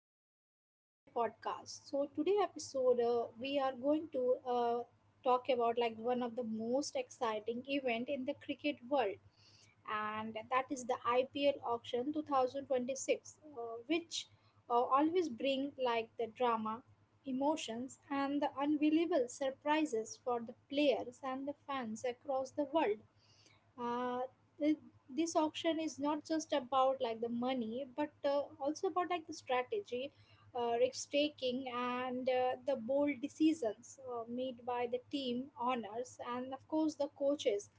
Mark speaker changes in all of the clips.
Speaker 1: and welcome to my podcast. So, today episode we are going to talk about like one of the most exciting event in the cricket world, and that is the IPL auction 2026, which always bring like the drama, emotions, and the unbelievable surprises for the players and the fans across the world. uh, th- this auction is not just about like the money but also about like the strategy, risk taking, and the bold decisions made by the team owners and of course the coaches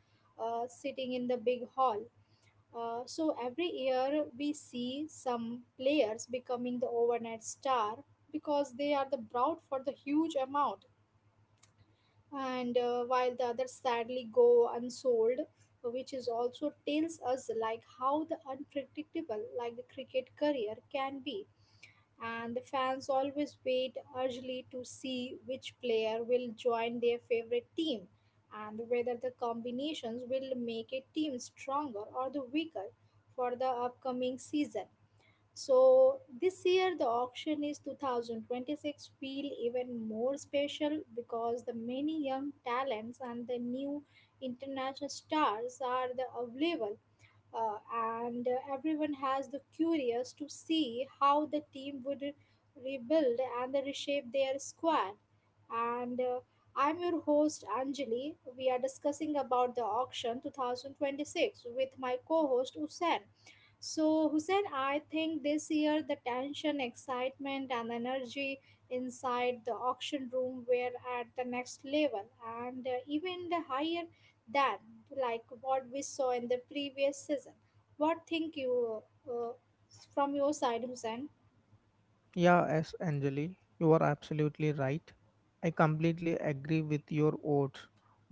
Speaker 1: sitting in the big hall. So every year we see some players becoming the overnight star because they are the brought for the huge amount, and while the others sadly go unsold, which is also tells us like how the unpredictable like the cricket career can be. And the fans always wait eagerly to see which player will join their favorite team and whether the combinations will make a team stronger or the weaker for the upcoming season. So this year the auction is 2026 feel even more special because the many young talents and the new international stars are the available. Uh, and Everyone has the curious to see how the team would rebuild and reshape their squad. And I'm your host Anjali. We are discussing about the auction 2026 with my co-host Usain. So, Hussein, I think this year the tension, excitement, and energy inside the auction room were at the next level, and even the higher than like what we saw in the previous season. What think you uh, from your side, Hussein?
Speaker 2: Yeah, S. Anjali, you are absolutely right. I completely agree with your words.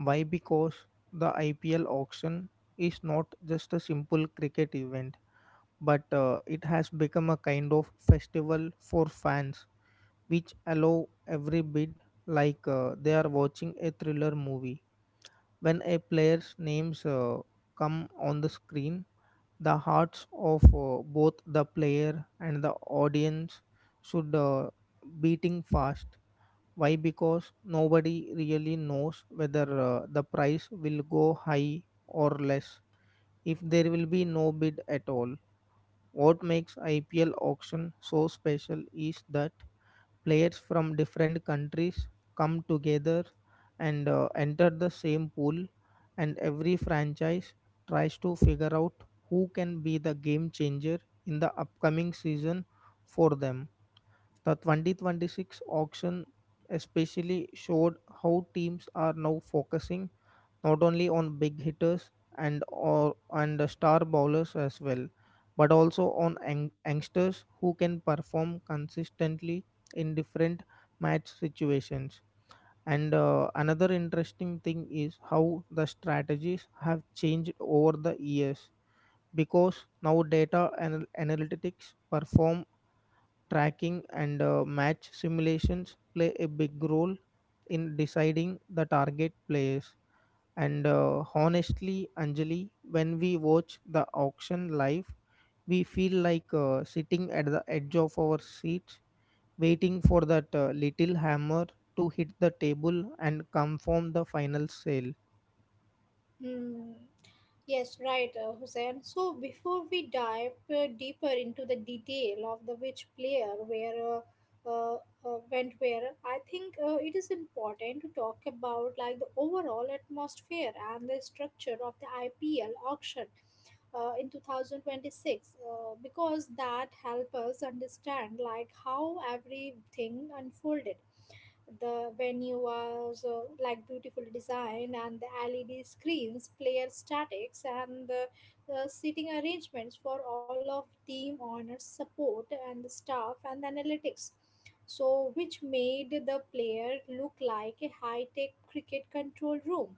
Speaker 2: Why? Because the IPL auction is not just a simple cricket event, but it has become a kind of festival for fans, which allow every bid like they are watching a thriller movie. When a player's names come on the screen, the hearts of both the player and the audience should beating fast. Why? Because nobody really knows whether the price will go high or less, if there will be no bid at all. What makes ipl auction so special is that players from different countries come together and enter the same pool, and every franchise tries to figure out who can be the game changer in the upcoming season for them. The 2026 auction especially showed how teams are now focusing not only on big hitters and or and star bowlers as well, but also on youngsters who can perform consistently in different match situations. And another interesting thing is how the strategies have changed over the years, because now analytics perform tracking and match simulations play a big role in deciding the target players. And honestly, Anjali, when we watch the auction live, we feel like sitting at the edge of our seats, waiting for that little hammer to hit the table and confirm the final sale.
Speaker 1: Hmm. Yes, right, Hussein. So before we dive deeper into the detail of the which player where uh, uh, went where, I think it is important to talk about like the overall atmosphere and the structure of the IPL auction in 2026, because that help us understand like how everything unfolded. The venue was like beautifully designed, and the LED screens, player statics, and the seating arrangements for all of team owners, support, and the staff, and the analytics. So, which made the player look like a high tech cricket control room,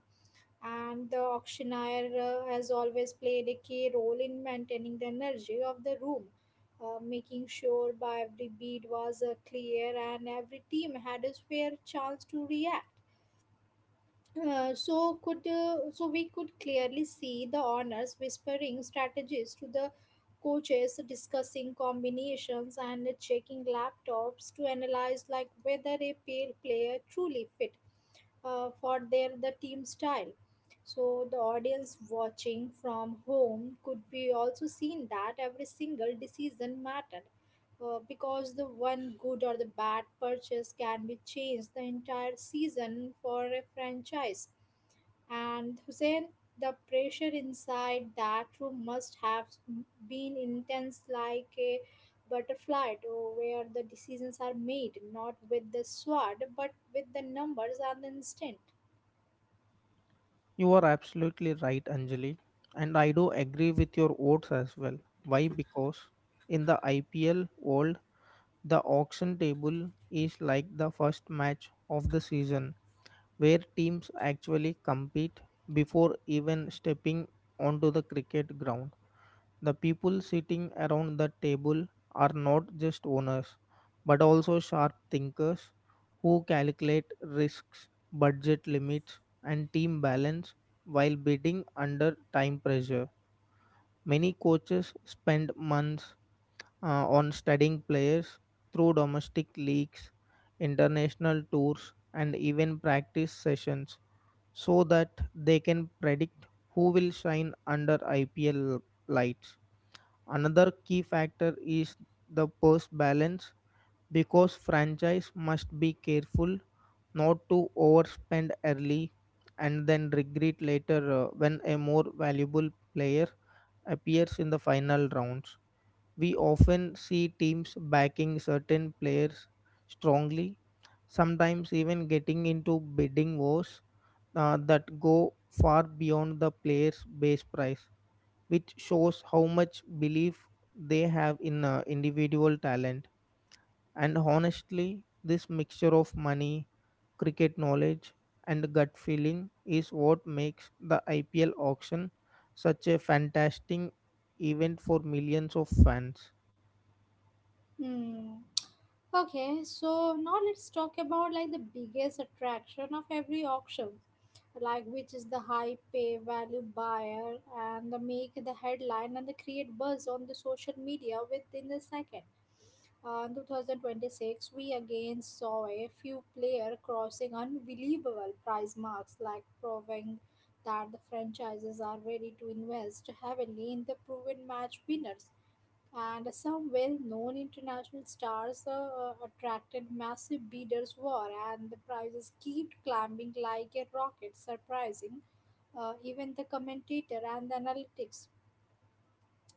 Speaker 1: and the auctioneer has always played a key role in maintaining the energy of the room, making sure by every bead was clear and every team had a fair chance to react. So we could clearly see the owners whispering strategies to the coaches, discussing combinations, and checking laptops to analyze like whether a pale player truly fit for their the team style. So the audience watching from home could be also seen that every single decision mattered, because the one good or the bad purchase can be changed the entire season for a franchise. And Hussein, the pressure inside that room must have been intense, like a butterfly, to where the decisions are made not with the sword but with the numbers and the instinct.
Speaker 2: You are absolutely right, Anjali. And I do agree with your votes as well. Why? Because in the IPL world, the auction table is like the first match of the season, where teams actually compete before even stepping onto the cricket ground. The people sitting around the table are not just owners, but also sharp thinkers who calculate risks, budget limits, and team balance while bidding under time pressure. Many coaches spend months on studying players through domestic leagues, international tours, and even practice sessions, so that they can predict who will shine under IPL lights. Another key factor is the purse balance, because franchise must be careful not to overspend early and then regret later when a more valuable player appears in the final rounds. We often see teams backing certain players strongly, sometimes even getting into bidding wars that go far beyond the player's base price, which shows how much belief they have in individual talent. And honestly, this mixture of money, cricket knowledge, and gut feeling is what makes the IPL auction such a fantastic event for millions of fans.
Speaker 1: Hmm. Okay, so now let's talk about like the biggest attraction of every auction, like which is the high pay value buyer and the make the headline and the create buzz on the social media within the second. In 2026, we again saw a few players crossing unbelievable price marks, like proving that the franchises are ready to invest heavily in the proven match winners. And some well known international stars attracted massive bidders' war, and the prices keep climbing like a rocket, surprising even the commentator and the analytics.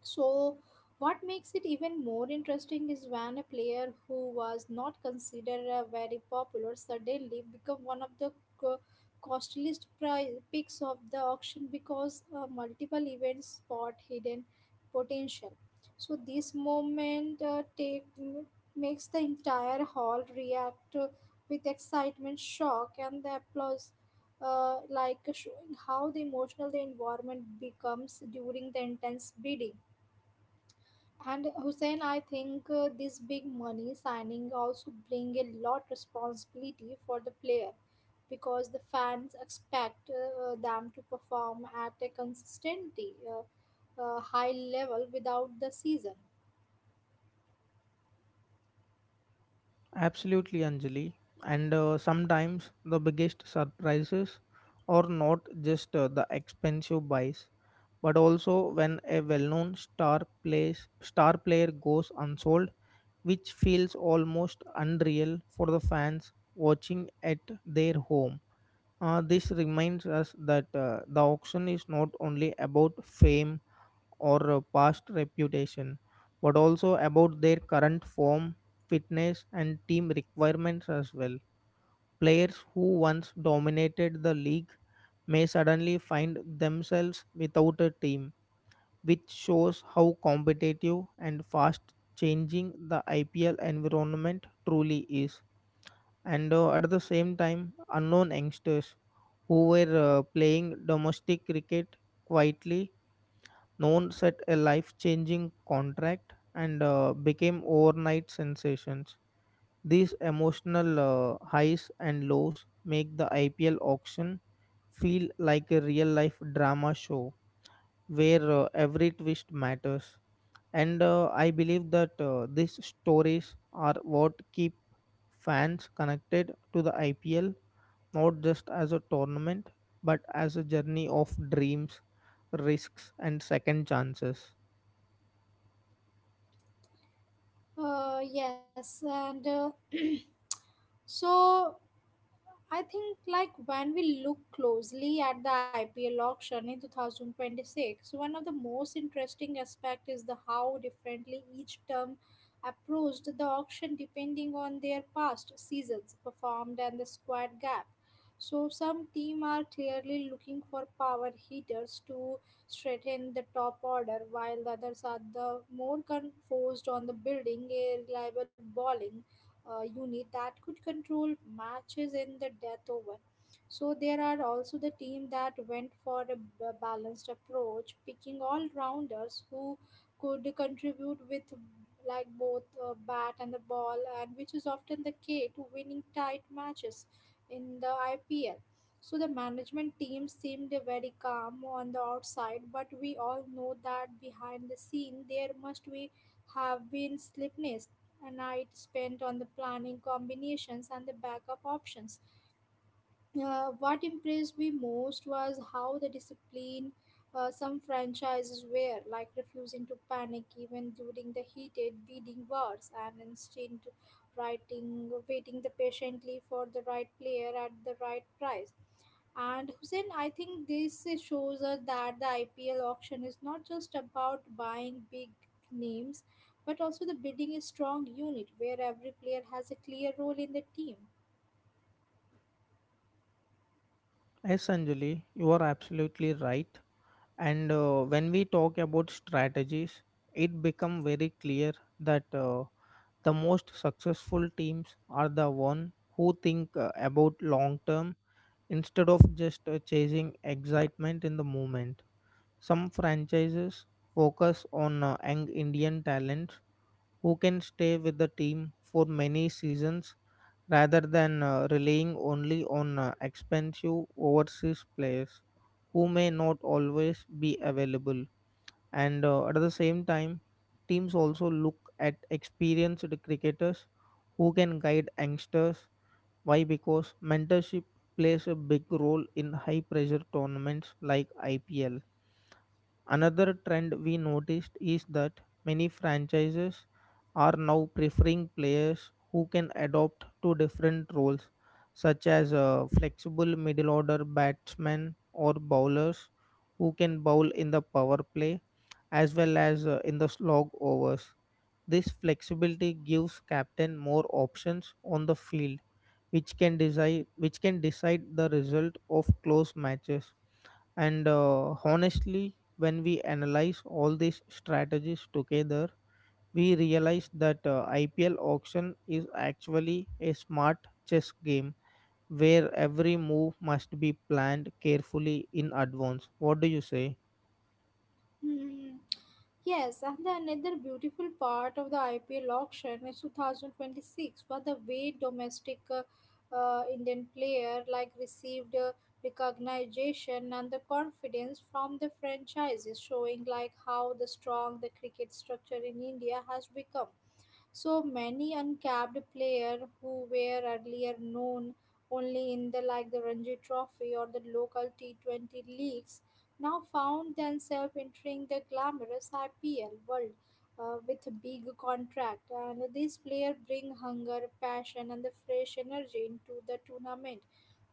Speaker 1: So, what makes it even more interesting is when a player who was not considered very popular suddenly become one of the co- costliest prize picks of the auction because multiple events spot hidden potential. So, this moment makes the entire hall react with excitement, shock, and the applause. Like showing how the emotional the environment becomes during the intense bidding. And Hussein, I think this big money signing also bring a lot responsibility for the player because the fans expect them to perform at a consistently high level without the season.
Speaker 2: Absolutely, Anjali. And sometimes the biggest surprises are not just the expensive buys, but also when a well-known plays star player goes unsold, which feels almost unreal for the fans watching at their home. This reminds us that the auction is not only about fame or past reputation, but also about their current form, fitness and team requirements as well. Players who once dominated the league may suddenly find themselves without a team, which shows how competitive and fast changing the IPL environment truly is. And at the same time, unknown youngsters who were playing domestic cricket quietly, known set a life changing contract and became overnight sensations. These emotional highs and lows make the IPL auction feel like a real life drama show, where every twist matters. And I believe that these stories are what keep fans connected to the ipl, not just as a tournament, but as a journey of dreams, risks and second chances.
Speaker 1: Yes, and so I think, like, when we look closely at the IPL auction in 2026, one of the most interesting aspects is the how differently each term approached the auction depending on their past seasons performed and the squad gap. So, some team are clearly looking for power hitters to strengthen the top order, while the others are the focused on the building a reliable bowling unit that could control matches in the death over. So there are also the team that went for a balanced approach, picking all rounders who could contribute with like both bat and the ball, and which is often the key to winning tight matches in the IPL. So the management team seemed very calm on the outside, but we all know that behind the scene there must be have been slippiness, a night spent on the planning combinations and the backup options. What impressed me most was how the discipline some franchises were, like refusing to panic even during the heated bidding wars, and instead waiting the patiently for the right player at the right price. And Hussein, I think this shows us that the IPL auction is not just about buying big names, but also the building a strong unit where every player has a clear role in the team.
Speaker 2: Essentially, you are absolutely right. And when we talk about strategies, it become very clear that the most successful teams are the one who think about long term instead of just chasing excitement in the moment. Some franchises focus on young Indian talents who can stay with the team for many seasons rather than relying only on expensive overseas players who may not always be available. And at the same time, teams also look at experienced cricketers who can guide youngsters. Why? Because mentorship plays a big role in high pressure tournaments like IPL. Another trend we noticed is that many franchises are now preferring players who can adapt to different roles, such as flexible middle order batsmen or bowlers who can bowl in the power play as well as in the slog overs. This flexibility gives captain more options on the field, which can decide the result of close matches. And honestly, when we analyze all these strategies together, we realize that IPL auction is actually a smart chess game, where every move must be planned carefully in advance. What do you say?
Speaker 1: Hmm. Yes, and the another beautiful part of the IPL auction is 2026, where the way domestic Indian player like received recognition and the confidence from the franchises, showing like how the strong the cricket structure in India has become. So many uncapped players who were earlier known only in the like the Ranji Trophy or the local T20 leagues now found themselves entering the glamorous IPL world with a big contract. And these players bring hunger, passion, and the fresh energy into the tournament.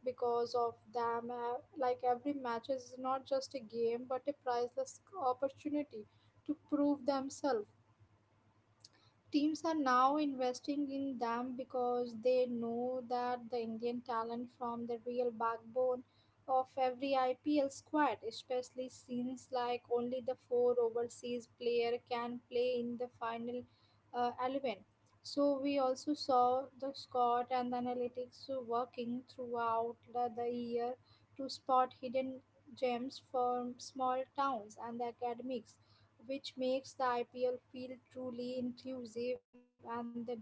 Speaker 1: Because of them, like every match is not just a game but a priceless opportunity to prove themselves. Teams are now investing in them because they know that the Indian talent from the real backbone of every IPL squad, especially since like only the 4 overseas player can play in the final 11. So we also saw the scout and the analytics working throughout the year to spot hidden gems from small towns and the academics, which makes the IPL feel truly inclusive and the domac-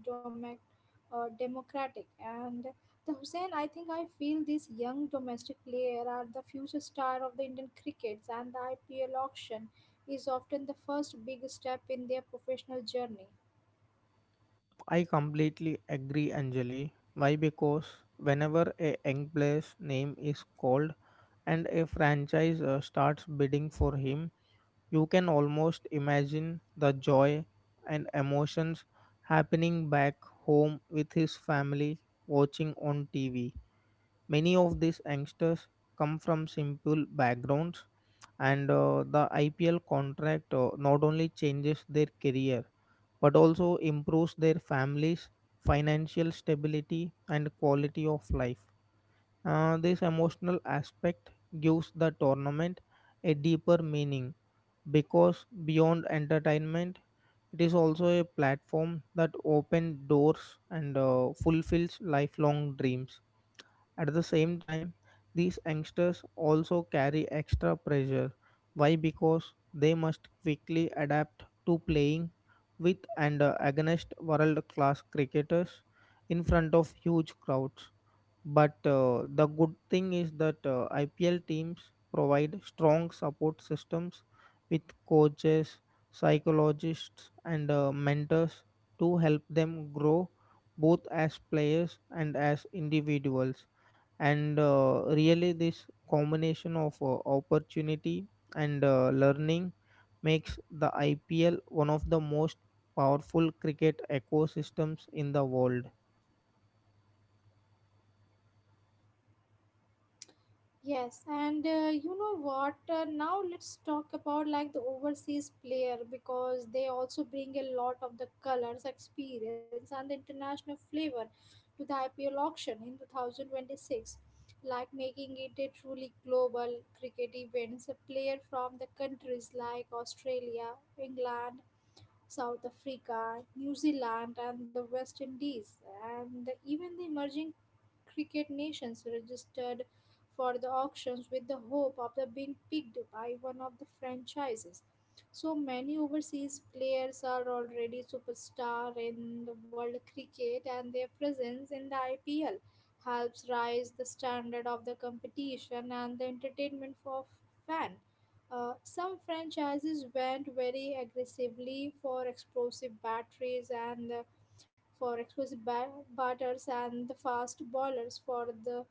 Speaker 1: uh, democratic. And the Hussein, I think I feel this young domestic player are the future star of the Indian crickets, and the IPL auction is often the first big step in their professional journey.
Speaker 2: I completely agree, Anjali. Why? Because whenever a young player's name is called and a franchise starts bidding for him, you can almost imagine the joy and emotions happening back home with his family watching on TV. Many of these youngsters come from simple backgrounds, and the IPL contract not only changes their career, but also improves their families' financial stability and quality of life. This emotional aspect gives the tournament a deeper meaning, because beyond entertainment it is also a platform that opens doors and fulfills lifelong dreams. At the same time, these youngsters also carry extra pressure. Why? Because they must quickly adapt to playing with and against world class cricketers in front of huge crowds. But the good thing is that IPL teams provide strong support systems with coaches, psychologists, and mentors to help them grow both as players and as individuals. And really, this combination of opportunity and learning makes the IPL one of the most powerful cricket ecosystems in the world.
Speaker 1: Yes, and you know what? Now let's talk about like the overseas player, because they also bring a lot of the colors, experience, and the international flavor to the IPL auction in 2026, like making it a truly global cricket event. A player from the countries like Australia, England, South Africa, New Zealand, and the West Indies, and even the emerging cricket nations registered for the auctions with the hope of the being picked by one of the franchises. So many overseas players are already superstar in the world cricket and their presence in the IPL helps rise the standard of the competition and the entertainment for fan. Some franchises went very aggressively for explosive batteries and batters and the fast bowlers for the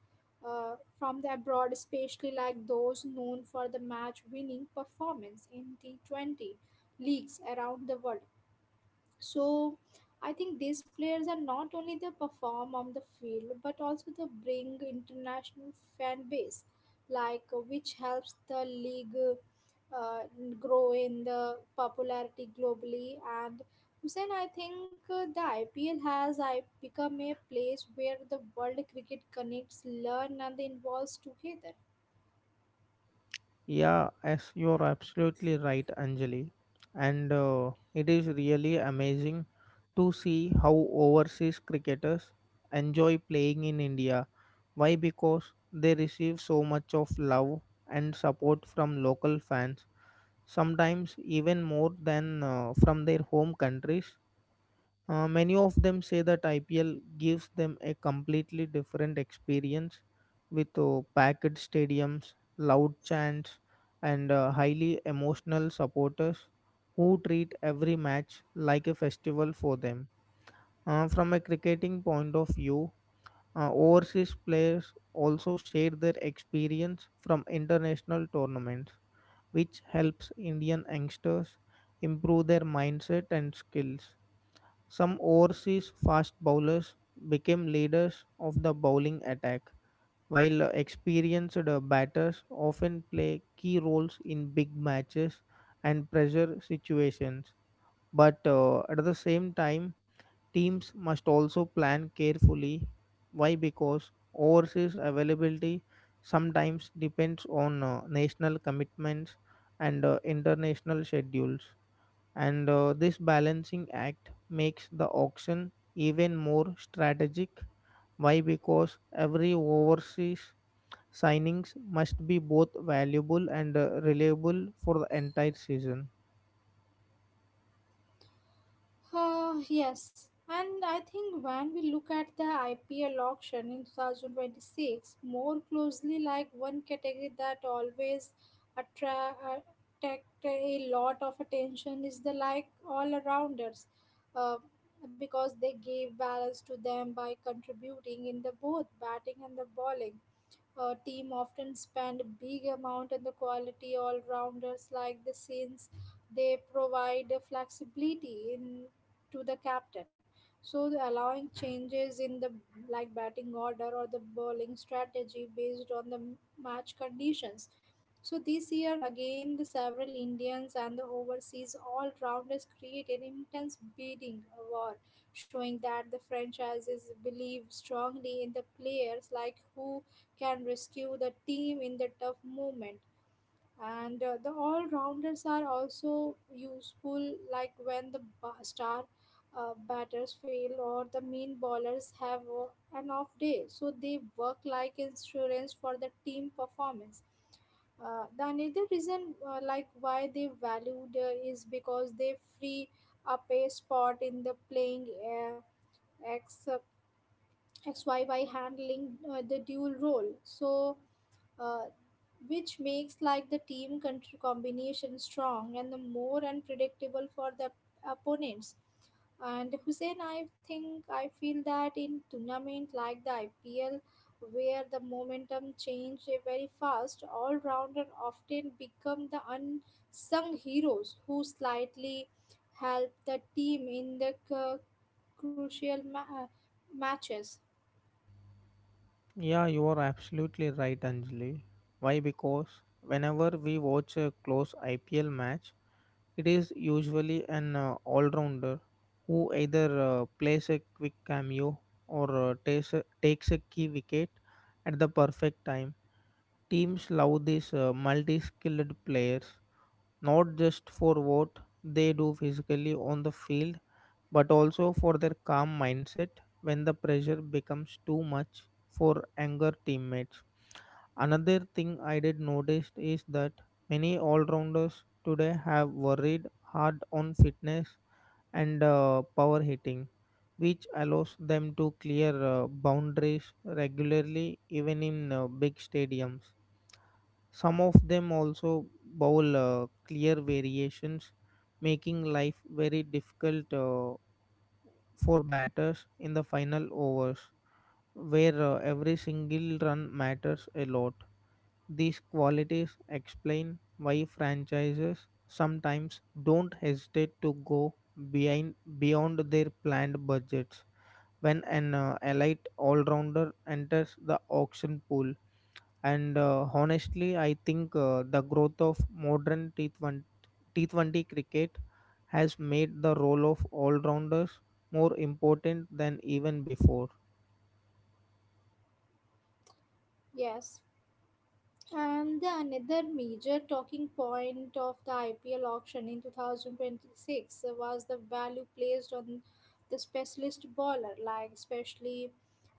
Speaker 1: from the abroad, especially like those known for the match-winning performance in T20 leagues around the world. So I think these players are not only the perform on the field but also the bring international fan base, which helps the league uh, grow in the popularity globally. And Hussein, I think the IPL has I become a place where the world cricket connects, learn, and involves together.
Speaker 2: Yeah, as you're absolutely right, Anjali. And it is really amazing to see how overseas cricketers enjoy playing in India. Why? Because they receive so much of love and support from local fans, sometimes even more than from their home countries. Many of them say that IPL gives them a completely different experience with packed stadiums, loud chants, and highly emotional supporters who treat every match like a festival for them. From a cricketing point of view, overseas players also share their experience from international tournaments, which helps Indian youngsters improve their mindset and skills. Some overseas fast bowlers became leaders of the bowling attack, while experienced batters often play key roles in big matches and pressure situations. But at the same time, teams must also plan carefully. Why? Because overseas availability sometimes depends on national commitments and international schedules. And this balancing act makes the auction even more strategic. Why? Because every overseas signings must be both valuable and reliable for the entire season.
Speaker 1: Yes, and I think when we look at the IPL auction in 2026 more closely, like one category that always attract a lot of attention is the like all arounders, uh, because they gave balance to them by contributing in the both batting and the bowling. Team often spend big amount on the quality all rounders like the since they provide the flexibility in to the captain, so the allowing changes in the like batting order or the bowling strategy based on the match conditions. So this year again the several Indians and the overseas all rounders created intense bidding war, showing that the franchises believe strongly in the players like who can rescue the team in the tough moment. And the all rounders are also useful like when the star batters fail or the main bowlers have an off day, so they work like insurance for the team performance. The another reason like why they valued is because they free up a spot in the playing x xyy handling the dual role. So uh, which makes like the team combination strong and the more unpredictable for the opponents. And Hussein, I think I feel that in tournament like the IPL, where the momentum change very fast, all rounder often become the unsung heroes who slightly help the team in the crucial matches.
Speaker 2: Yeah, you are absolutely right, Anjali. Why? Because whenever we watch a close ipl match, it is usually an all-rounder who either plays a quick cameo or takes a key wicket at the perfect time. Teams love these multi-skilled players, not just for what they do physically on the field, but also for their calm mindset when the pressure becomes too much for anger teammates. Another thing I did notice is that many all-rounders today have worried hard on fitness and power hitting, which allows them to clear boundaries regularly even in big stadiums. Some of them also bowl clear variations, making life very difficult for batters in the final overs, where every single run matters a lot. These qualities explain why franchises sometimes don't hesitate to go behind beyond their planned budgets when an elite all-rounder enters the auction pool. And honestly, I think the growth of modern T20 cricket has made the role of all-rounders more important than even before.
Speaker 1: Yes. And the another major talking point of the IPL auction in 2026 was the value placed on the specialist bowler, like especially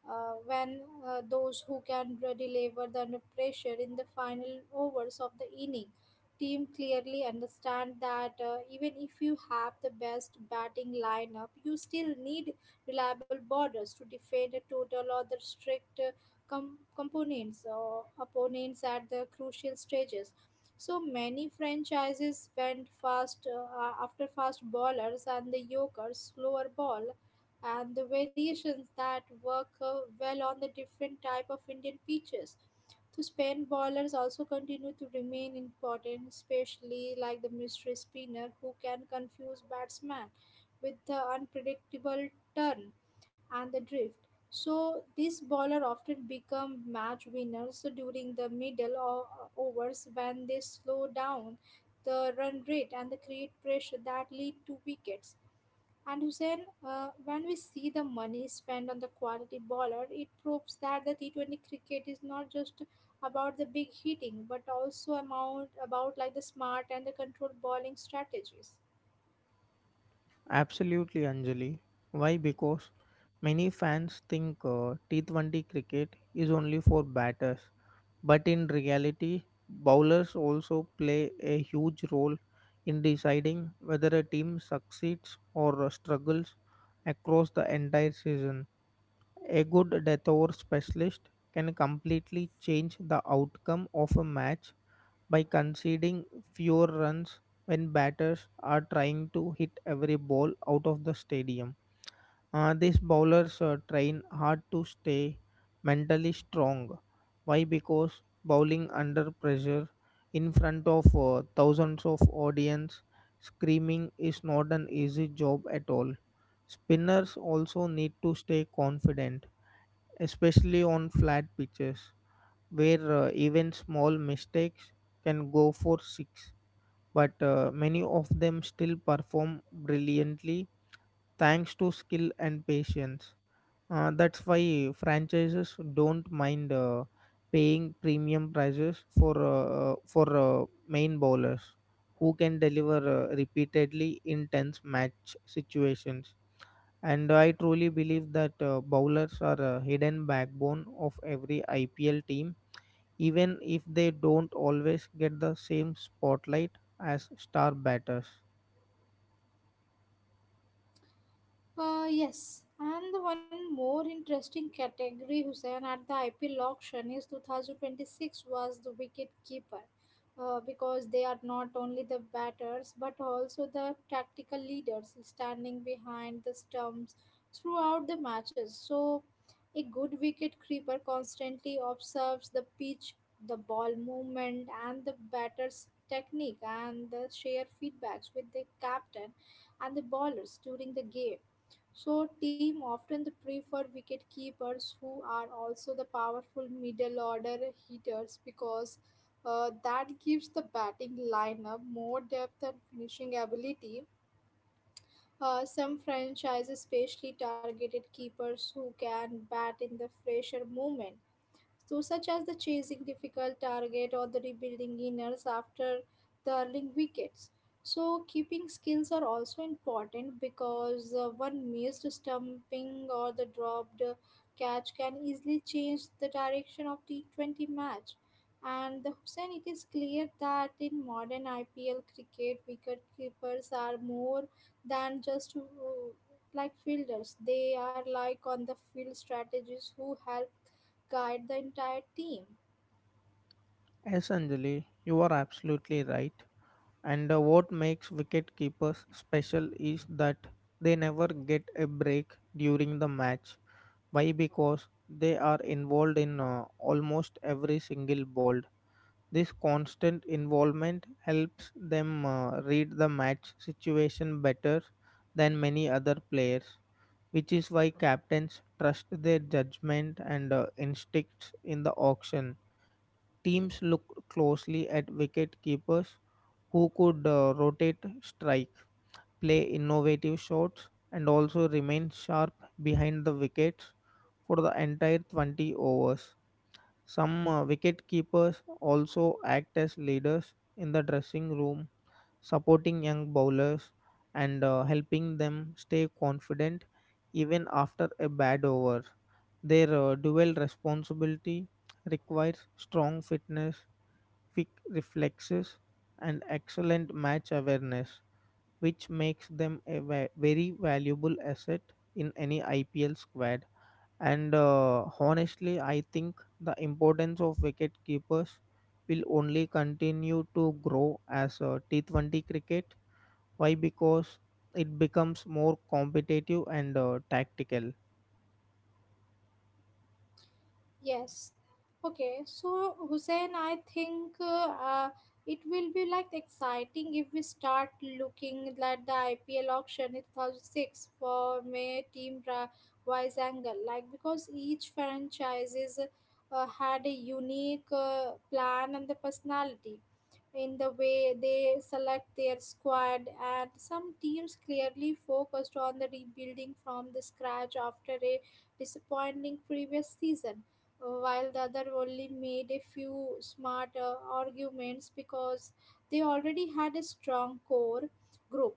Speaker 1: when those who can deliver the under pressure in the final overs of the inning. Team clearly understand that even if you have the best batting lineup, you still need reliable bowlers to defend a total or the strict components or opponents at the crucial stages. So many franchises went fast after fast bowlers and the yokers, slower ball, and the variations that work well on the different type of Indian pitches. So spin bowlers also continue to remain important, especially like the mystery spinner who can confuse batsman with the unpredictable turn and the drift. So these bowlers often become match winners during the middle overs when they slow down the run rate and the create pressure that lead to wickets. And Hussein, when we see the money spent on the quality bowler, it proves that the T20 cricket is not just about the big hitting, but also amount about like the smart and the controlled bowling strategies.
Speaker 2: Absolutely, Anjali. Why? Because many fans think T20 cricket is only for batters, but in reality, bowlers also play a huge role in deciding whether a team succeeds or struggles across the entire season. A good detour specialist can completely change the outcome of a match by conceding fewer runs when batters are trying to hit every ball out of the stadium. These bowlers train hard to stay mentally strong. Why? Because bowling under pressure in front of thousands of audience screaming is not an easy job at all. Spinners also need to stay confident, especially on flat pitches where even small mistakes can go for six, but many of them still perform brilliantly thanks to skill and patience. That's why franchises don't mind paying premium prices for main bowlers who can deliver repeatedly in tense match situations. And I truly believe that bowlers are a hidden backbone of every IPL team, even if they don't always get the same spotlight as star batters.
Speaker 1: Yes, and the one more interesting category, Hussein, at the IPL auction is 2026 was the wicket keeper, because they are not only the batters but also the tactical leaders standing behind the stumps throughout the matches. So, a good wicket keeper constantly observes the pitch, the ball movement, and the batter's technique and the share feedbacks with the captain and the bowlers during the game. So team often prefer wicket keepers who are also the powerful middle order hitters because that gives the batting lineup more depth and finishing ability. Some franchises especially targeted keepers who can bat in the fresher movement, so such as the chasing difficult target or the rebuilding inners after the early wickets. So keeping skills are also important because one missed stumping or the dropped catch can easily change the direction of T20 match. And the Hussein, it is clear that in modern IPL cricket, wicket keepers are more than just like fielders. They are like on the field strategists who help guide the entire team.
Speaker 2: Essentially, you are absolutely right. And what makes wicketkeepers special is that they never get a break during the match. Why? Because they are involved in almost every single ball. This constant involvement helps them read the match situation better than many other players, which is why captains trust their judgment and instincts in the auction. Teams look closely at wicket keepers who could rotate strike, play innovative shots, and also remain sharp behind the wickets for the entire 20 overs. Some wicket keepers also act as leaders in the dressing room, supporting young bowlers and helping them stay confident even after a bad over. Their dual responsibility requires strong fitness, quick reflexes, and excellent match awareness, which makes them a very valuable asset in any IPL squad. And honestly, I think the importance of wicket keepers will only continue to grow as T20 cricket. Why? Because it becomes more competitive and tactical.
Speaker 1: Yes. Okay. So, Hussein, I think uh, it will be like exciting if we start looking at the IPL auction in 2006 for May team wise angle. Like, because each franchise is, had a unique plan and the personality in the way they select their squad. And some teams clearly focused on the rebuilding from the scratch after a disappointing previous season, while the other only made a few smart arguments because they already had a strong core group.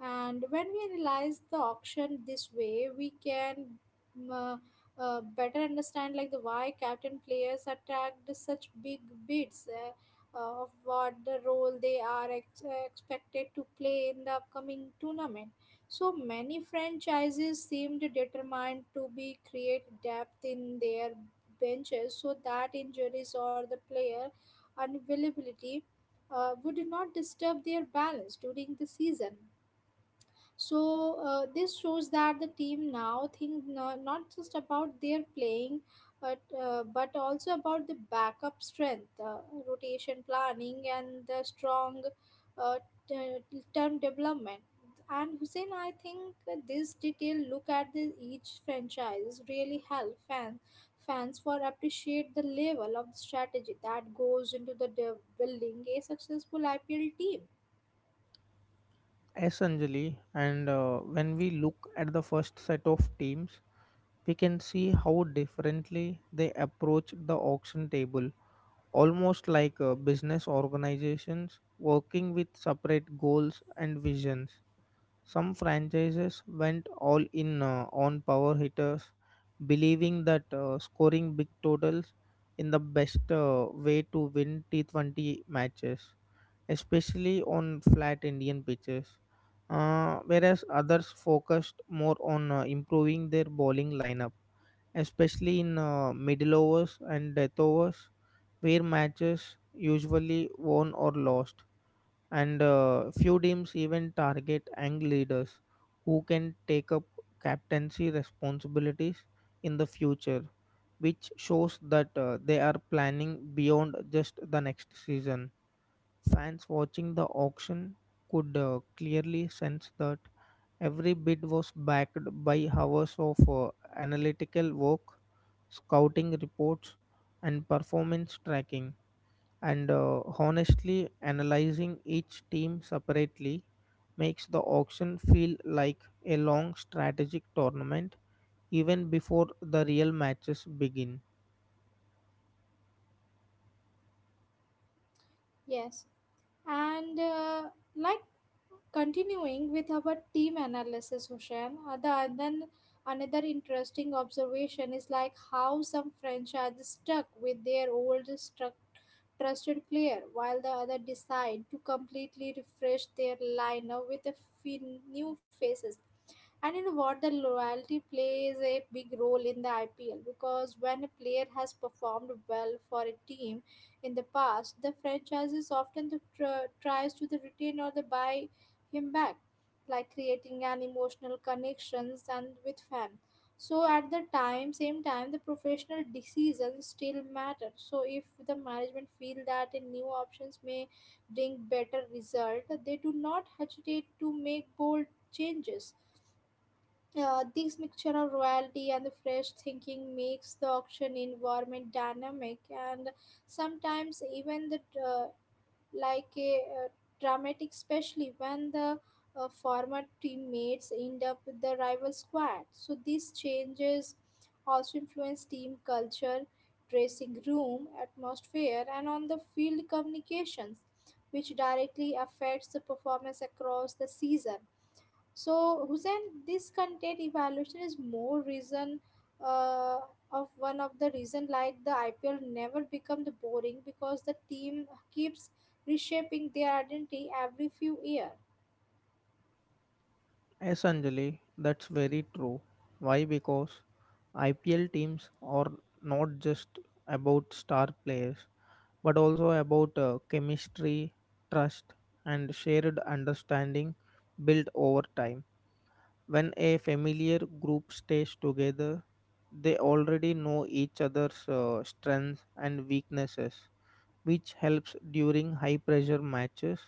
Speaker 1: And when we analyze the auction this way, we can mm, uh, better understand like the why captain players attract such big bids of what the role they are expected to play in the upcoming tournament. So many franchises seemed determined to be create depth in their benches so that injuries or the player unavailability would not disturb their balance during the season. So this shows that the team now think not just about their playing, but but also about the backup strength, rotation planning, and the strong uh, term development. And Hussein, I think this detailed look at the, each franchise really help fans for appreciate the level of the strategy that goes into the building a successful IPL team.
Speaker 2: Essentially, and when we look at the first set of teams, we can see how differently they approached the auction table, almost like business organizations working with separate goals and visions. Some franchises went all in on power hitters, believing that scoring big totals in the best way to win T20 matches, especially on flat Indian pitches. Whereas others focused more on improving their bowling lineup, especially in middle overs and death overs, where matches usually won or lost. And few teams even target young leaders who can take up captaincy responsibilities in the future, which shows that they are planning beyond just the next season. Fans watching the auction could clearly sense that every bid was backed by hours of analytical work, scouting reports, and performance tracking. And honestly, analyzing each team separately makes the auction feel like a long strategic tournament even before the real matches begin.
Speaker 1: Yes. And like continuing with our team analysis, Hussein, the and then another interesting observation is like how some French are just stuck with their old struct trusted player, while the other decide to completely refresh their lineup with a new faces. And you know what? The loyalty plays a big role in the IPL because when a player has performed well for a team in the past, the franchises often the tries to the retain or the buy him back, like creating an emotional connections and with fan. So at the time, same time, the professional decisions still matter. So if the management feel that a new options may bring better result, they do not hesitate to make bold changes. This mixture of royalty and the fresh thinking makes the auction environment dynamic and sometimes even the uh, like a dramatic, especially when the former teammates end up with the rival squad. So these changes also influence team culture, dressing room atmosphere, and on the field communications, which directly affects the performance across the season. So, Hussein, this content evaluation is more reason uh, of one of the reason like the IPL never become the boring because the team keeps reshaping their identity every few year.
Speaker 2: Essentially, that's very true. Why? Because IPL teams are not just about star players but also about chemistry, trust, and shared understanding built over time. When a familiar group stays together, they already know each other's strengths and weaknesses, which helps during high pressure matches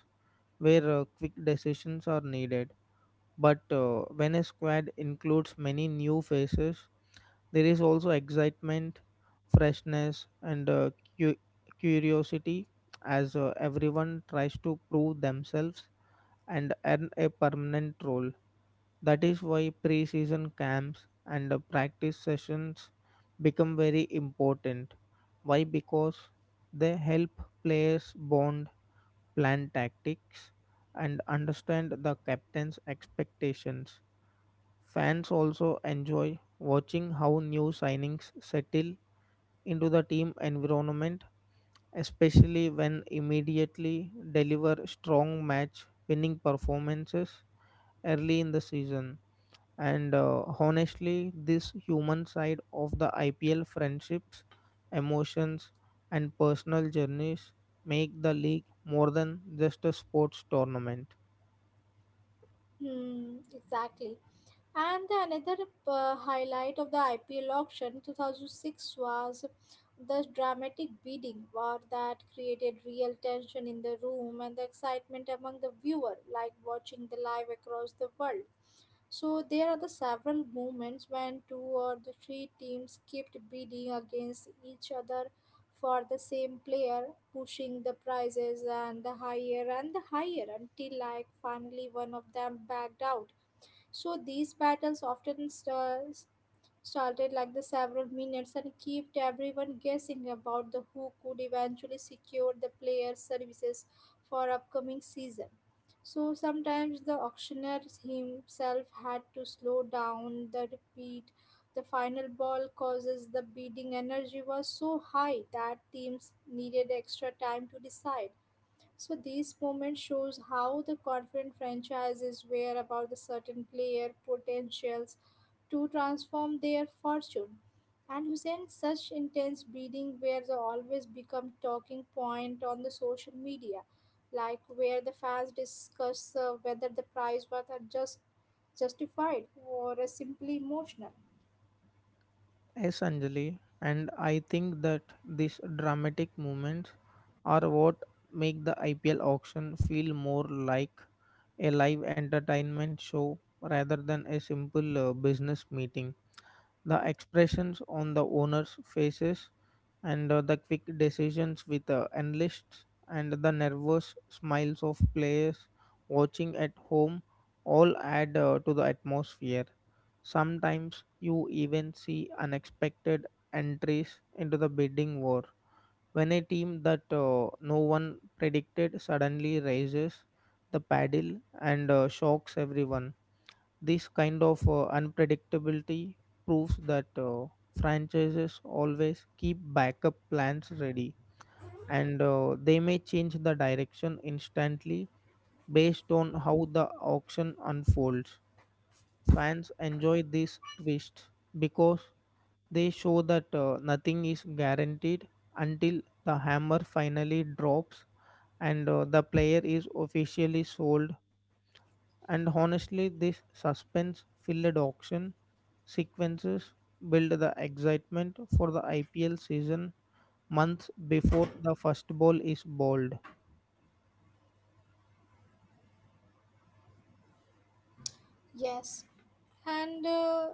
Speaker 2: where quick decisions are needed. But when a squad includes many new faces, there is also excitement, freshness, and cu- curiosity as everyone tries to prove themselves and earn a permanent role. That is why pre season camps and the practice sessions become very important. Why? Because they help players bond, plan tactics, and understand the captain's expectations. Fans also enjoy watching how new signings settle into the team environment, especially when immediately deliver strong match winning performances early in the season. And honestly, this human side of the IPL friendships, emotions, and personal journeys make the league more than just a sports tournament.
Speaker 1: Hmm, exactly. And the another highlight of the IPL auction 2006 was the dramatic bidding war that created real tension in the room and the excitement among the viewer, like watching the live across the world. So there are the several moments when two or the three teams kept bidding against each other for the same player, pushing the prices and the higher until like finally one of them backed out. So these battles often starts started like the several minutes and kept everyone guessing about the who could eventually secure the player's services for upcoming season. So sometimes the auctioneer himself had to slow down the repeat. The final ball causes the bidding energy was so high that teams needed extra time to decide. So these moments shows how the confident franchises were about the certain player potentials to transform their fortune. And Hussein, such intense breeding where they always become talking point on the social media, like where the fans discuss whether the prize was are just justified or simply emotional.
Speaker 2: Yes, Anjali, and I think that these dramatic moments are what make the IPL auction feel more like a live entertainment show rather than a simple business meeting. The expressions on the owners' faces and the quick decisions with analysts and the nervous smiles of players watching at home all add to the atmosphere. Sometimes you even see unexpected entries into the bidding war when a team that no one predicted suddenly raises the paddle and shocks everyone. This kind of unpredictability proves that franchises always keep backup plans ready and they may change the direction instantly based on how the auction unfolds. Fans enjoy these twists because they show that nothing is guaranteed until the hammer finally drops and the player is officially sold. And honestly, this suspense filled auction sequences build the excitement for the IPL season months before the first ball is bowled.
Speaker 1: Yes, and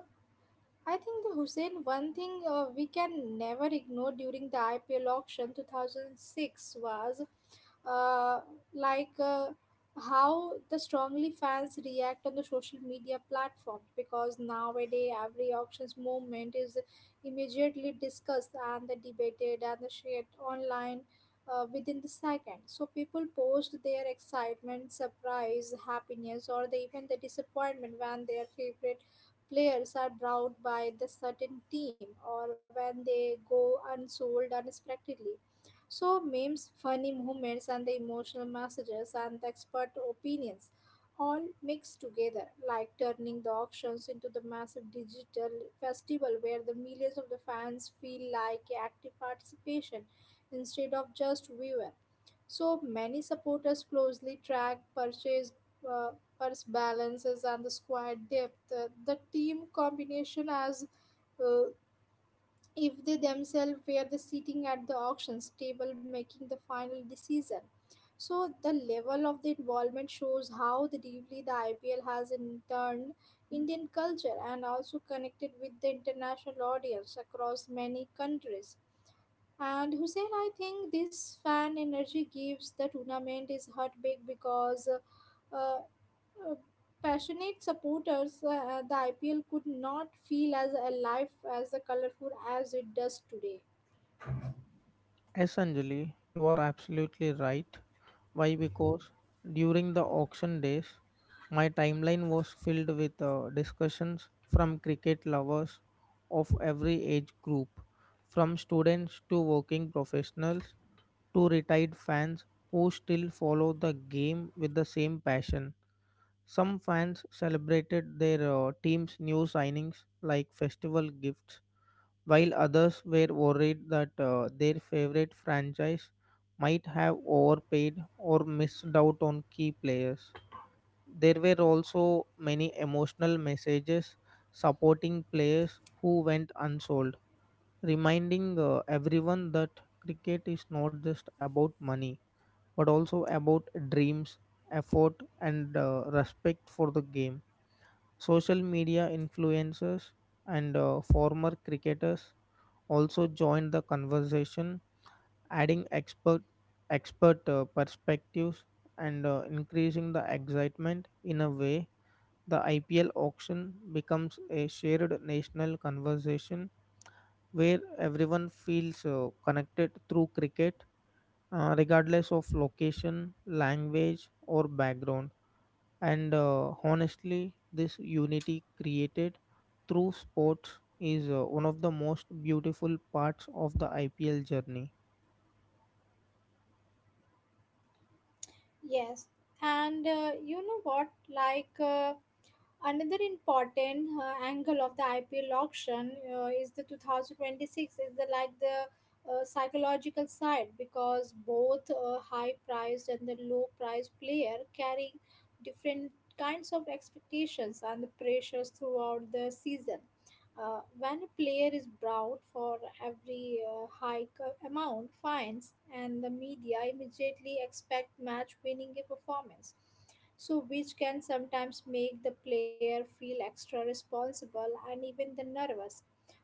Speaker 1: I think the Hussein, one thing we can never ignore during the IPL auction 2006 was uh, like uh, how the strongly fans react on the social media platforms because nowadays every auctions movement is immediately discussed and the debated and the shared online within the second. So people post their excitement, surprise, happiness, or the, even the disappointment when their favorite players are drowned by the certain team or when they go unsold unexpectedly. So, memes, funny moments, and the emotional messages and the expert opinions all mixed together, like turning the auctions into the massive digital festival where the millions of the fans feel like active participation instead of just viewer. So many supporters closely track uh, purse balances, and the squad depth. The team combination as uh, if they themselves were the sitting at the auctions table making the final decision. So the level of the involvement shows how the deeply the IPL has interned Indian culture and also connected with the international audience across many countries. And Hussein, I think this fan energy gives the tournament is heartbreak because uh, uh, passionate supporters, the IPL could not feel as alive, as the colorful as it does today.
Speaker 2: Essentially, you are absolutely right. Why? Because during the auction days, my timeline was filled with discussions from cricket lovers of every age group, from students to working professionals to retired fans who still follow the game with the same passion. Some fans celebrated their team's new signings like festival gifts, while others were worried that their favorite franchise might have overpaid or missed out on key players. There were also many emotional messages supporting players who went unsold, reminding everyone that cricket is not just about money but also about dreams, effort, and respect for the game. Social media influencers and former cricketers also joined the conversation, adding expert perspectives and increasing the excitement. In a way, the IPL auction becomes a shared national conversation where everyone feels connected through cricket regardless of location, language, or background. And honestly, this unity created through sports is one of the most beautiful parts of the IPL journey.
Speaker 1: Yes. And you know what? Another important angle of the IPL auction is the 2026 is the like the psychological side because both high priced and the low priced player carry different kinds of expectations and the pressures throughout the season. When a player is brought for every amount fines and the media immediately expect match winning a performance, so which can sometimes make the player feel extra responsible and even the nervous.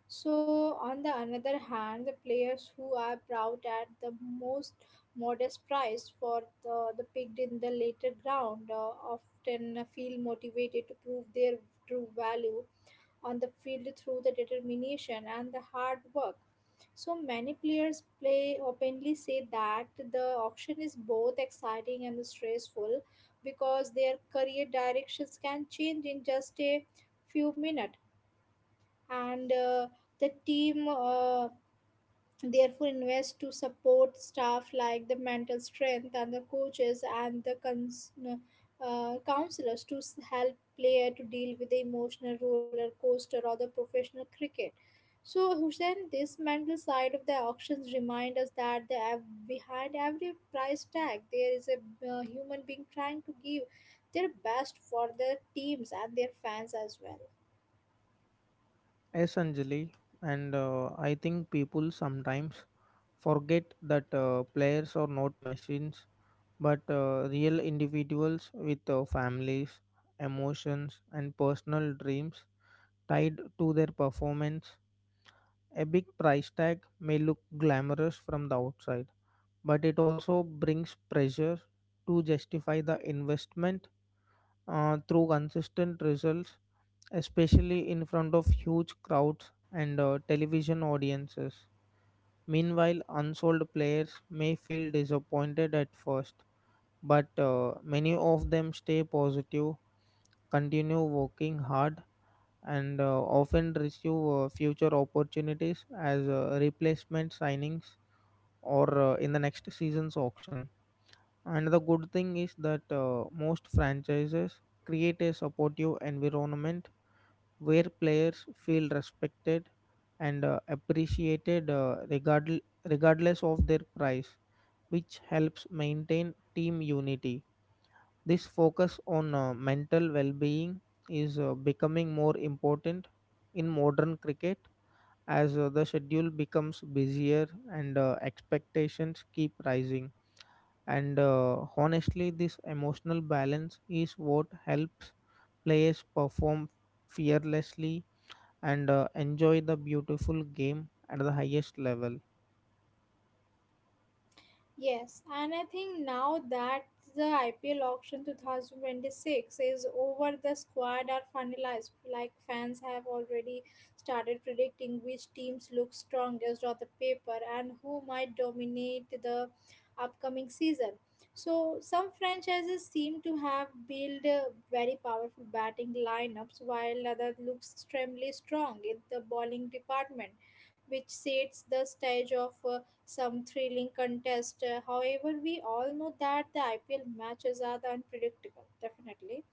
Speaker 1: So on the another hand, the players who are brought at the most modest price for the picked in the later round often feel motivated to prove their true value on the field through the determination and the hard work. So many players play openly say that the auction is both exciting and stressful because their career directions can change in just a few minutes, and the team therefore invests to support staff like the mental strength and the coaches and the counselors to help player to deal with the emotional roller coaster or the professional cricket. So, Hussein, this mental side of the auctions remind us that behind every price tag, there is a human being trying to give their best for their teams and their fans as well.
Speaker 2: Yes, Anjali, and I think people sometimes forget that players are not machines but real individuals with families, emotions, and personal dreams tied to their performance. A big price tag may look glamorous from the outside, but it also brings pressure to justify the investment through consistent results, especially in front of huge crowds and television audiences. Meanwhile, unsold players may feel disappointed at first, but many of them stay positive, continue working hard, and often receive future opportunities as replacement signings or in the next season's auction. And the good thing is that most franchises create a supportive environment where players feel respected and appreciated regardless of their price, which helps maintain team unity. This focus on mental well being is becoming more important in modern cricket as the schedule becomes busier and expectations keep rising. And honestly, this emotional balance is what helps players perform fearlessly and enjoy the beautiful game at the highest level.
Speaker 1: Yes, and I think now that the IPL auction 2026 is over, the squad are finalized. Like fans have already started predicting which teams look strongest on the paper and who might dominate the upcoming season. So some franchises seem to have built very powerful batting lineups, while others look extremely strong in the bowling department, which sets the stage of some thrilling contest. However, we all know that the IPL matches are the unpredictable, definitely.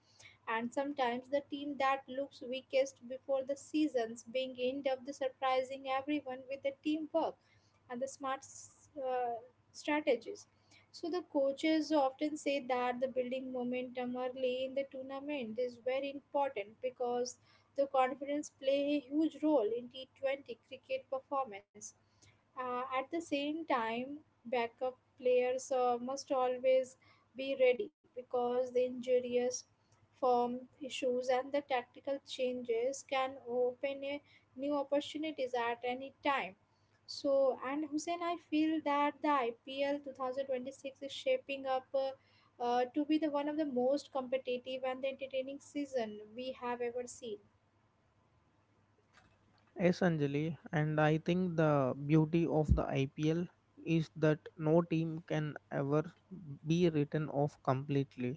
Speaker 1: And sometimes the team that looks weakest before the seasons being end up the surprising everyone with the teamwork and the smart uh, strategies. So the coaches often say that the building momentum early in the tournament is very important because the confidence play a huge role in T20 cricket performance. At the same time, backup players must always be ready because the injurious form issues and the tactical changes can open a new opportunities at any time. So, and Hussein, I feel that the IPL 2026 is shaping up to be the one of the most competitive and entertaining season we have ever seen.
Speaker 2: Yes, Anjali, and I think the beauty of the IPL is that no team can ever be written off completely.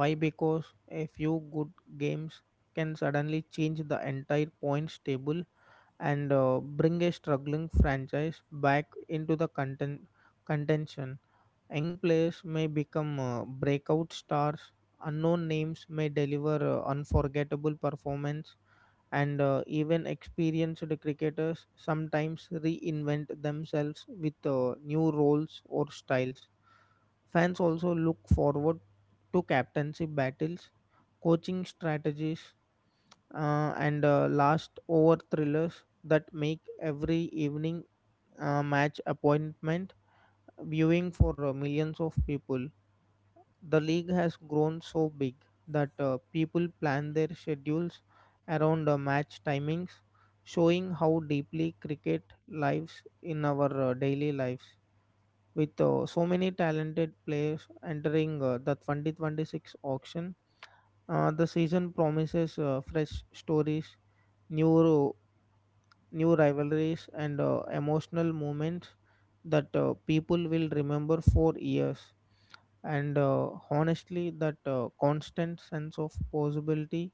Speaker 2: Why? Because a few good games can suddenly change the entire points table and bring a struggling franchise back into the contention. Young players may become breakout stars. Unknown names may deliver unforgettable performance, and even experienced cricketers sometimes reinvent themselves with new roles or styles. Fans also look forward to captaincy battles, coaching strategies, and last over thrillers that make every evening match appointment viewing for millions of people. The league has grown so big that people plan their schedules around match timings, showing how deeply cricket lives in our daily lives. With so many talented players entering the 2026 auction, the season promises fresh stories, new new rivalries, and emotional moments that people will remember for years. And honestly, that constant sense of possibility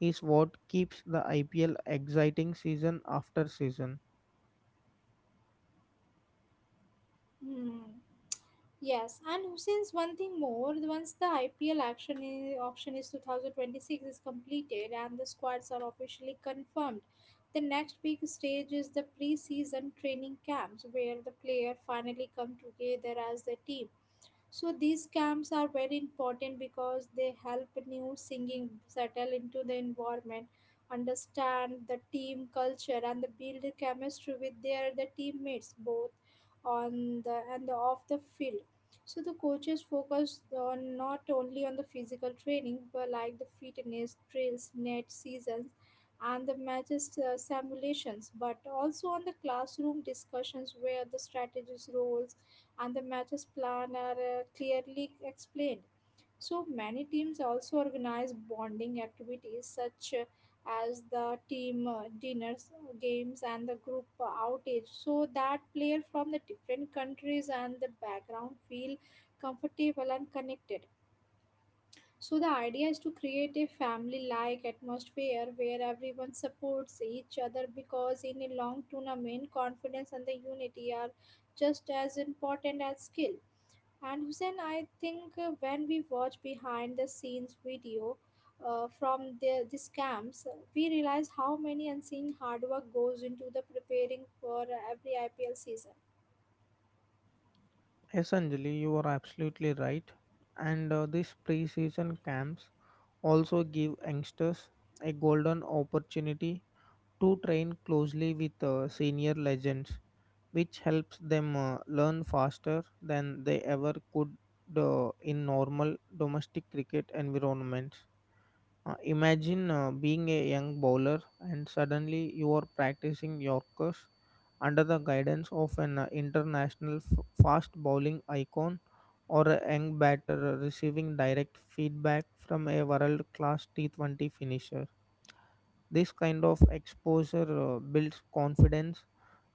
Speaker 2: is what keeps the IPL exciting season after season.
Speaker 1: Hmm. Yes, and Hussein's one thing more, once the IPL auction is 2026 is completed and the squads are officially confirmed, the next big stage is the pre-season training camps where the player finally come together as the team. So these camps are very important because they help new singing settle into the environment, understand the team culture and the build chemistry with their the teammates both on the and the off the field. So the coaches focus on not only on the physical training but like the fitness drills, net seasons, and the matches simulations, but also on the classroom discussions where the strategies, roles, and the matches plan are clearly explained. So many teams also organize bonding activities such as the team dinners, games, and the group outage, so that players from the different countries and the background feel comfortable and connected. So the idea is to create a family-like atmosphere where everyone supports each other because in a long tournament, confidence and the unity are just as important as skill. And Hussein, I think when we watch behind the scenes video from these camps, we realize how many unseen hard work goes into the preparing for every IPL season.
Speaker 2: Essentially, you are absolutely right. And these pre-season camps also give youngsters a golden opportunity to train closely with senior legends, which helps them learn faster than they ever could in normal domestic cricket environments. Imagine being a young bowler and suddenly you are practicing Yorkers under the guidance of an international f- fast bowling icon, or a young batter receiving direct feedback from a world class T20 finisher. This kind of exposure builds confidence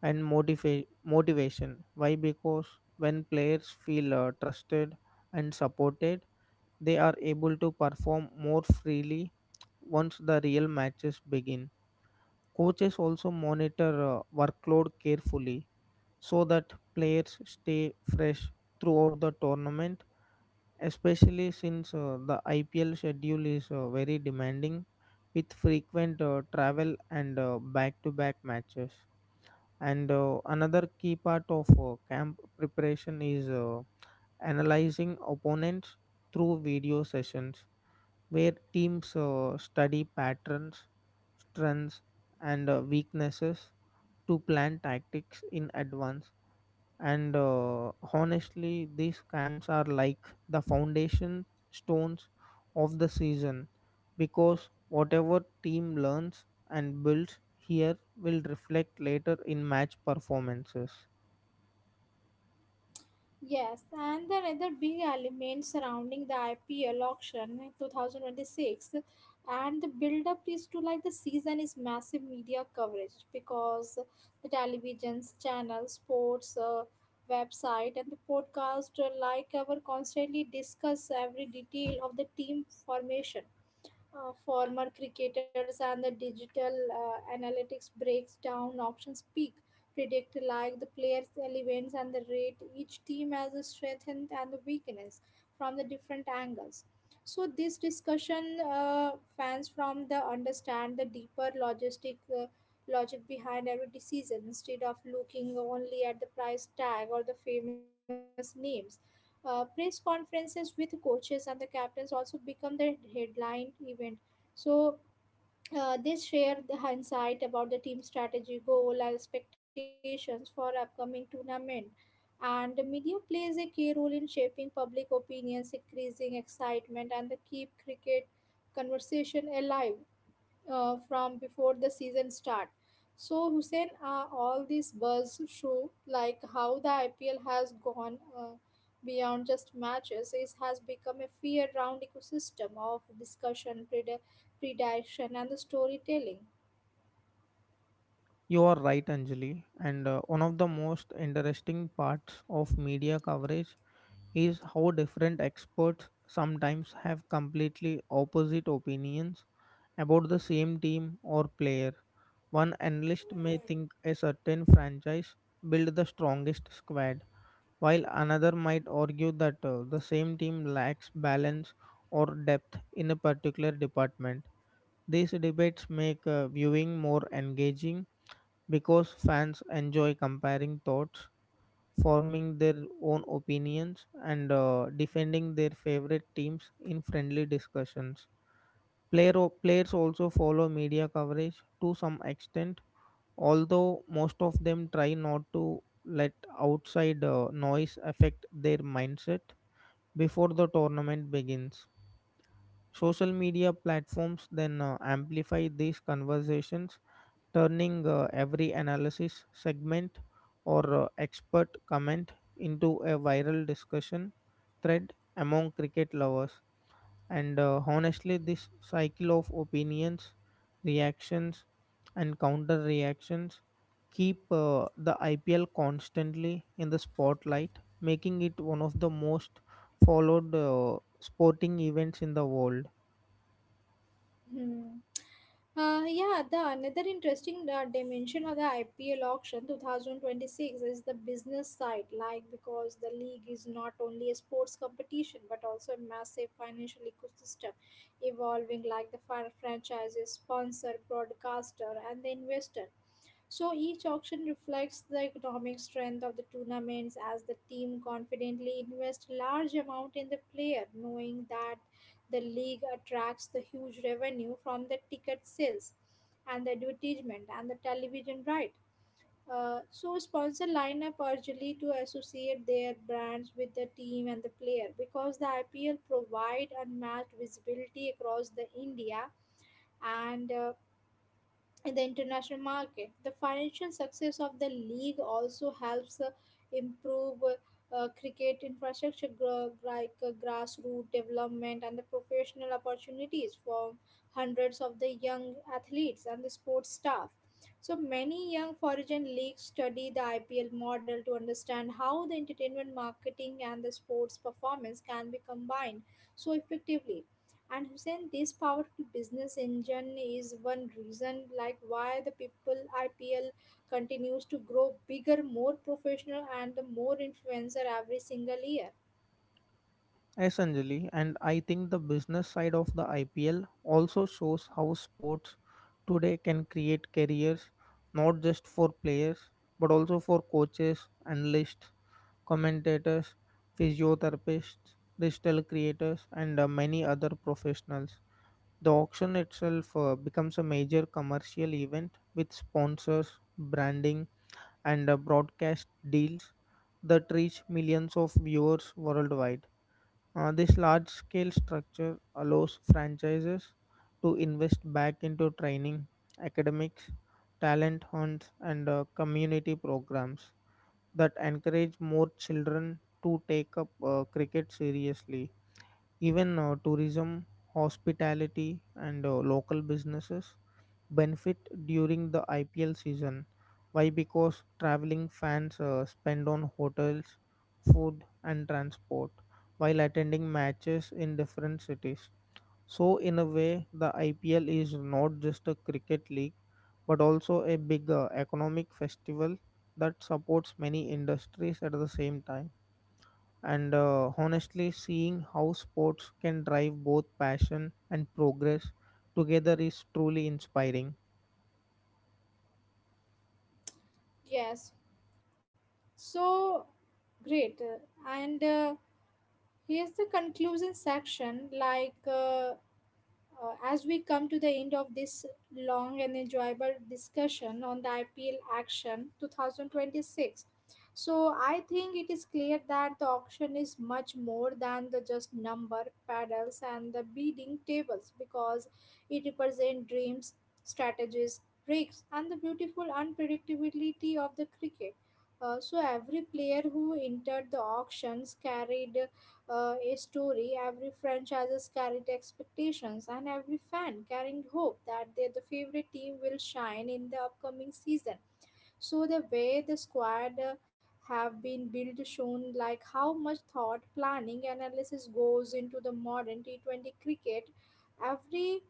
Speaker 2: and motivation. Why? Because when players feel trusted and supported, they are able to perform more freely once the real matches begin. Coaches also monitor workload carefully so that players stay fresh throughout the tournament, especially since the IPL schedule is very demanding with frequent travel and back-to-back matches. And another key part of camp preparation is analyzing opponents through video sessions where teams study patterns, strengths, and weaknesses to plan tactics in advance. And honestly, these camps are like the foundation stones of the season, because whatever team learns and builds here will reflect later in match performances.
Speaker 1: Yes, and the other big element surrounding the IPL auction in 2026 and the build up is to like the season is massive media coverage because the television's channel, sports website, and the podcast like our constantly discuss every detail of the team formation. Former cricketers and the digital analytics breaks down options peak predict like the players elements and the rate each team as a strength and the weakness from the different angles. So this discussion fans from the understand the deeper logistic logic behind every decision instead of looking only at the price tag or the famous names. Press conferences with coaches and the captains also become the headline event. So they share the insight about the team strategy, goal, and expectations for upcoming tournament. And the media plays a key role in shaping public opinions, increasing excitement, and the keep cricket conversation alive from before the season start. So Hussein, all these buzz show like how the IPL has gone beyond just matches. It has become a year-round ecosystem of discussion, prediction, and the storytelling.
Speaker 2: You are right, Anjali, and one of the most interesting parts of media coverage is how different experts sometimes have completely opposite opinions about the same team or player. One analyst may think a certain franchise built the strongest squad, while another might argue that the same team lacks balance or depth in a particular department. These debates make viewing more engaging because fans enjoy comparing thoughts, forming their own opinions, and defending their favorite teams in friendly discussions. Player, Players also follow media coverage to some extent, although most of them try not to let outside noise affect their mindset before the tournament begins. Social media platforms then amplify these conversations, turning every analysis, segment, or expert comment into a viral discussion thread among cricket lovers. And honestly, this cycle of opinions, reactions, and counter reactions keep the IPL constantly in the spotlight, making it one of the most followed sporting events in the world.
Speaker 1: Hmm. Yeah, the another interesting dimension of the IPL auction 2026 is the business side, like because the league is not only a sports competition but also a massive financial ecosystem evolving like the franchises, sponsor, broadcaster, and the investor. So each auction reflects the economic strength of the tournaments as the team confidently invests large amount in the player, knowing that the league attracts the huge revenue from the ticket sales and the advertisement and the television right. So sponsor lineup urgently to associate their brands with the team and the player because the IPL provide unmatched visibility across the India and in the international market. The financial success of the league also helps improve cricket infrastructure, grassroots development, and the professional opportunities for hundreds of the young athletes and the sports staff. So many young foreign leagues study the IPL model to understand how the entertainment marketing and the sports performance can be combined so effectively. And Hussein, this powerful business engine is one reason like why the people IPL continues to grow bigger, more professional and the more influencer every single year.
Speaker 2: Essentially, and I think the business side of the IPL also shows how sports today can create careers not just for players but also for coaches, analysts, commentators, physiotherapists, digital creators, and many other professionals. The auction itself becomes a major commercial event with sponsors, branding, and broadcast deals that reach millions of viewers worldwide. This large scale structure allows franchises to invest back into training, academics, talent hunts, and community programs that encourage more children to take up cricket seriously. Even tourism, hospitality, and local businesses benefit during the IPL season. Why? Because traveling fans spend on hotels, food, and transport while attending matches in different cities. So, in a way, the IPL is not just a cricket league but also a big economic festival that supports many industries at the same time. And honestly, seeing how sports can drive both passion and progress together is truly inspiring.
Speaker 1: Yes. So great. And Here's the conclusion section like as we come to the end of this long and enjoyable discussion on the IPL action 2026, so I think it is clear that the auction is much more than the just number paddles and the bidding tables because it represents dreams, strategies, breaks, and the beautiful unpredictability of the cricket. So every player who entered the auctions carried a story, every franchise carried expectations, and every fan carrying hope that their the favorite team will shine in the upcoming season. So the way the squad have been built shown like how much thought planning and analysis goes into the modern T20 cricket. Every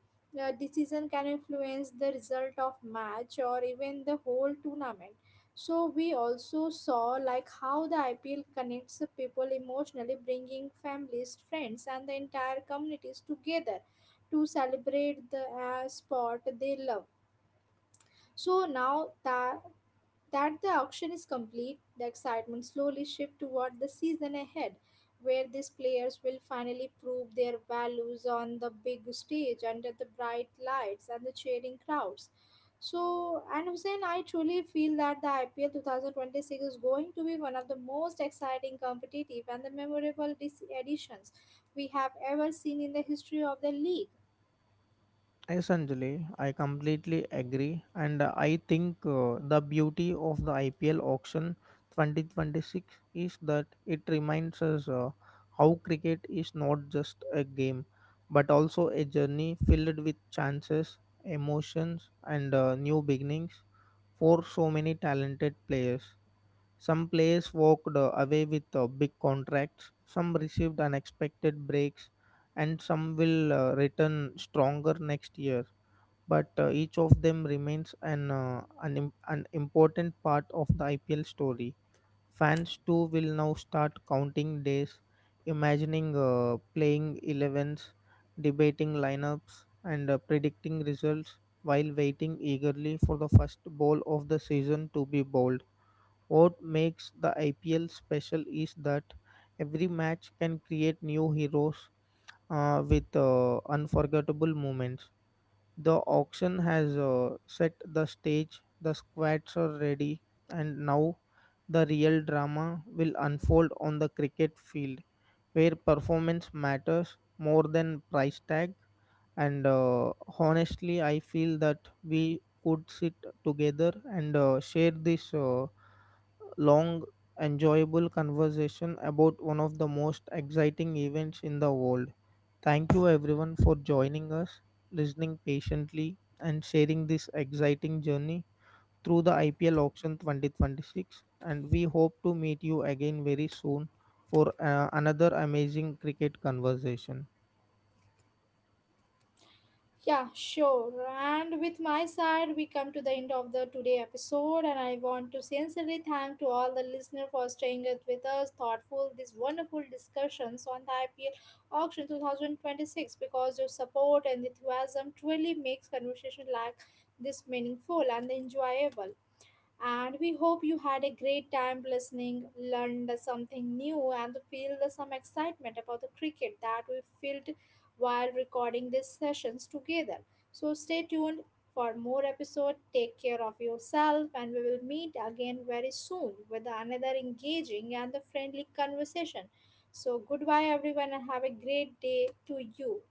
Speaker 1: decision can influence the result of match or even the whole tournament. So we also saw like how the IPL connects the people emotionally, bringing families, friends, and the entire communities together to celebrate the sport they love. So now that the auction is complete, the excitement slowly shifts toward the season ahead, where these players will finally prove their values on the big stage under the bright lights and the cheering crowds. So, and Hussein, I truly feel that the IPL 2026 is going to be one of the most exciting, competitive, and the memorable editions we have ever seen in the history of the league.
Speaker 2: Yes, Anjali, I completely agree, and I think the beauty of the IPL auction 2026 is that it reminds us how cricket is not just a game but also a journey filled with chances, emotions, and new beginnings for so many talented players. Some players walked away with big contracts, some received unexpected breaks, and some will return stronger next year, but each of them remains an important part of the IPL story. Fans too will now start counting days, imagining playing 11s, debating lineups, and predicting results while waiting eagerly for the first ball of the season to be bowled. What makes the IPL special is that every match can create new heroes with unforgettable moments. The auction has set the stage, the squads are ready, and now the real drama will unfold on the cricket field where performance matters more than price tag. And honestly, I feel that we could sit together and share this. Long, enjoyable conversation about one of the most exciting events in the world. Thank you, everyone, for joining us, listening patiently, and sharing this exciting journey through the IPL auction 2026. And we hope to meet you again very soon for another amazing cricket conversation.
Speaker 1: Yeah, sure. And with my side, we come to the end of the today episode, and I want to sincerely thank to all the listener for staying it with us, thoughtful, these wonderful discussions on the IPL auction 2026 because your support and enthusiasm truly makes conversation like this meaningful and enjoyable. And we hope you had a great time listening, learned something new, and feel some excitement about the cricket that we felt while recording these sessions together. So stay tuned for more episode. Take care of yourself, and we will meet again very soon with another engaging and friendly conversation. So goodbye, everyone, and have a great day to you.